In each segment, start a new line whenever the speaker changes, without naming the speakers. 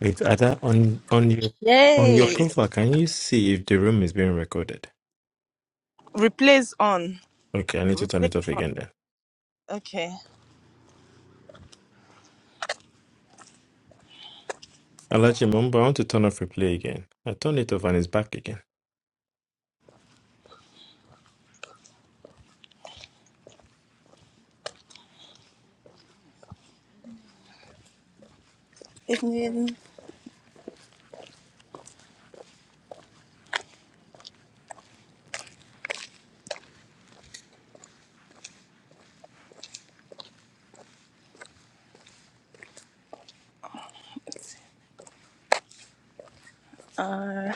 Wait, Ada, on on your on your
Yay!
profile, can you see if the room is being recorded?
Replays on.
Okay, I need to turn
Replay.
it off again then.
Okay.
Alachi Mumba, I want to turn off replay again. I turned it off and it's back again.
Evening. Uh,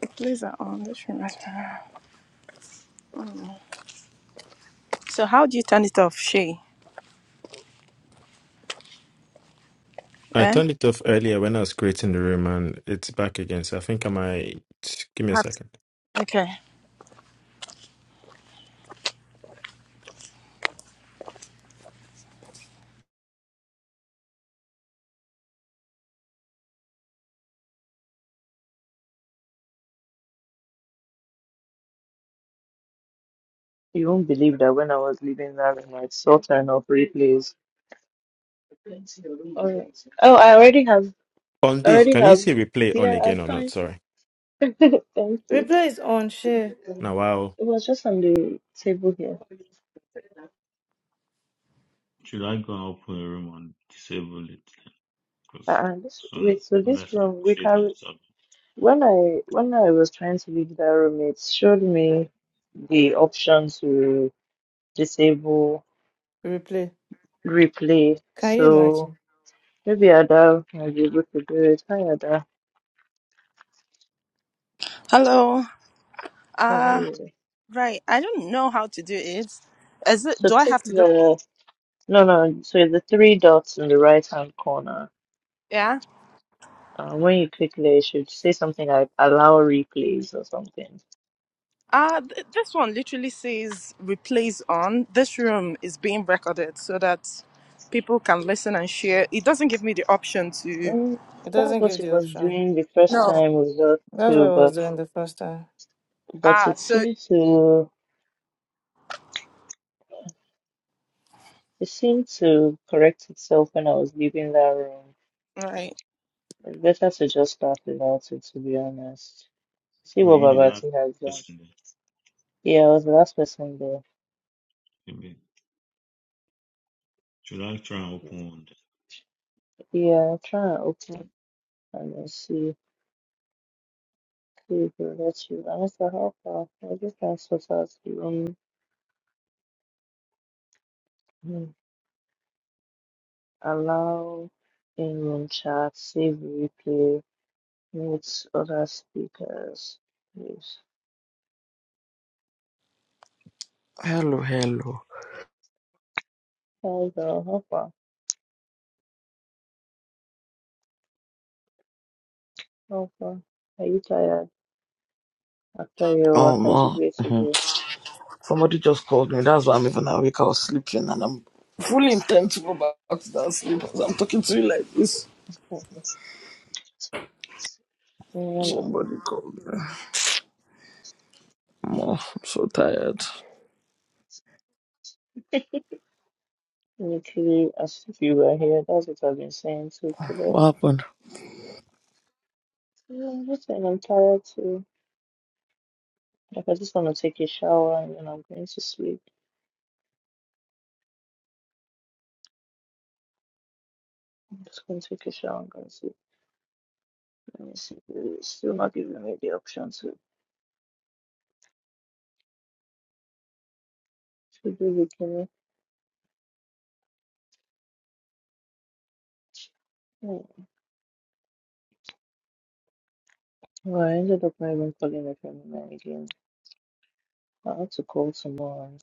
replays are on. This reminds me. So how do you turn it off, Shay?
I
Eh?
turned it off earlier when I was creating the room and it's back again. So I think I might give me a
Have to.
second.
Okay.
You won't believe that when I was leaving that room, I saw turn of replays. Oh, oh, I already have,
On
I
this,
already
can you
have.
see replay on
Yeah,
again
I'm
or not?
fine.
Sorry.
Thank you.
Replay is on share
Now wow.
It was just on the table here.
Should I go and open a room and disable it? Because
And this,
some
wait, so this
unless I'm
room we
shading
can.
something.
When I when I was trying to leave that room, it showed me the option to disable
replay.
replay.
Can you
So
imagine?
maybe Ada might be able to do it. Hi Ada,
Hello.
how are
Uh,
you?
right. I don't know how to do it. Is it?
So
Do I have
take
to go? To,
the No, no. So the three dots in the right-hand corner.
yeah.
Uh, when you click there, it should say something like allow replays or something.
Uh, th- this one literally says replays on. This room is being recorded so that people can listen and share. It doesn't give me the option to.
Mm,
It
that's
doesn't
what
give
it
the
was
option.
doing the first
No.
time we got
That's what I
to,
was
but
doing the first time.
but
Ah,
it
so
seemed to it seemed to correct itself when I was leaving that room.
right.
It's better to just start without it, to be honest. See
Well,
what
you the last
Babati has done.
person that
Yeah, I was the last person there.
maybe. Should I try and open one
Yeah, I'll try and open and then see. to go that you are so helpful. I just ask for us to um, allow in room chat, save replay, mute other speakers. Please.
Hello, hello.
Help her, help her, help her. Are you tired after your
Um, uh,
wakajigwe today?
somebody just called me. That's why I'm even awake. I was sleeping, and I'm fully intent to go back to that sleep. because 'cause I'm talking to you like this.
I don't know.
Somebody called me. I'm, uh, I'm so tired.
Literally, as if you were here, that's what I've been saying too today.
What happened?
Yeah, I'm just saying I'm tired too. Like, I just want to take a shower and then I'm going to sleep. I'm just going to take a shower and go to sleep. And it's, it's still not giving me the option to, to do it, can you? Well, I ended up not even calling the family man again. I had to call someone.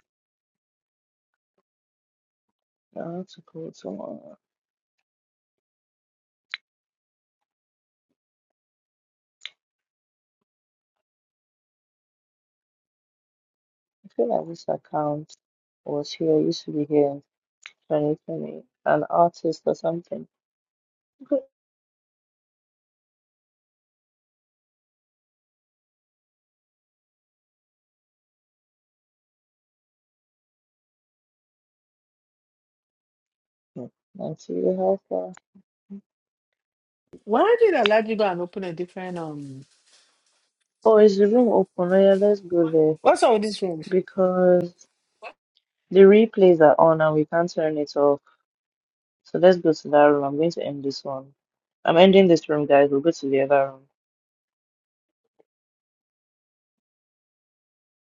I had to call someone. I feel like this account was here, used to be here in 2020, an artist or something. Good. Nancy, you have that.
Why did I let you go and open a different um
Oh, is the room open? Oh, yeah, let's go there.
What's all with this room?
Because the replays are on and we can't turn it off. So let's go to that room. I'm going to end this one. I'm ending this room, guys. We'll go to the other room.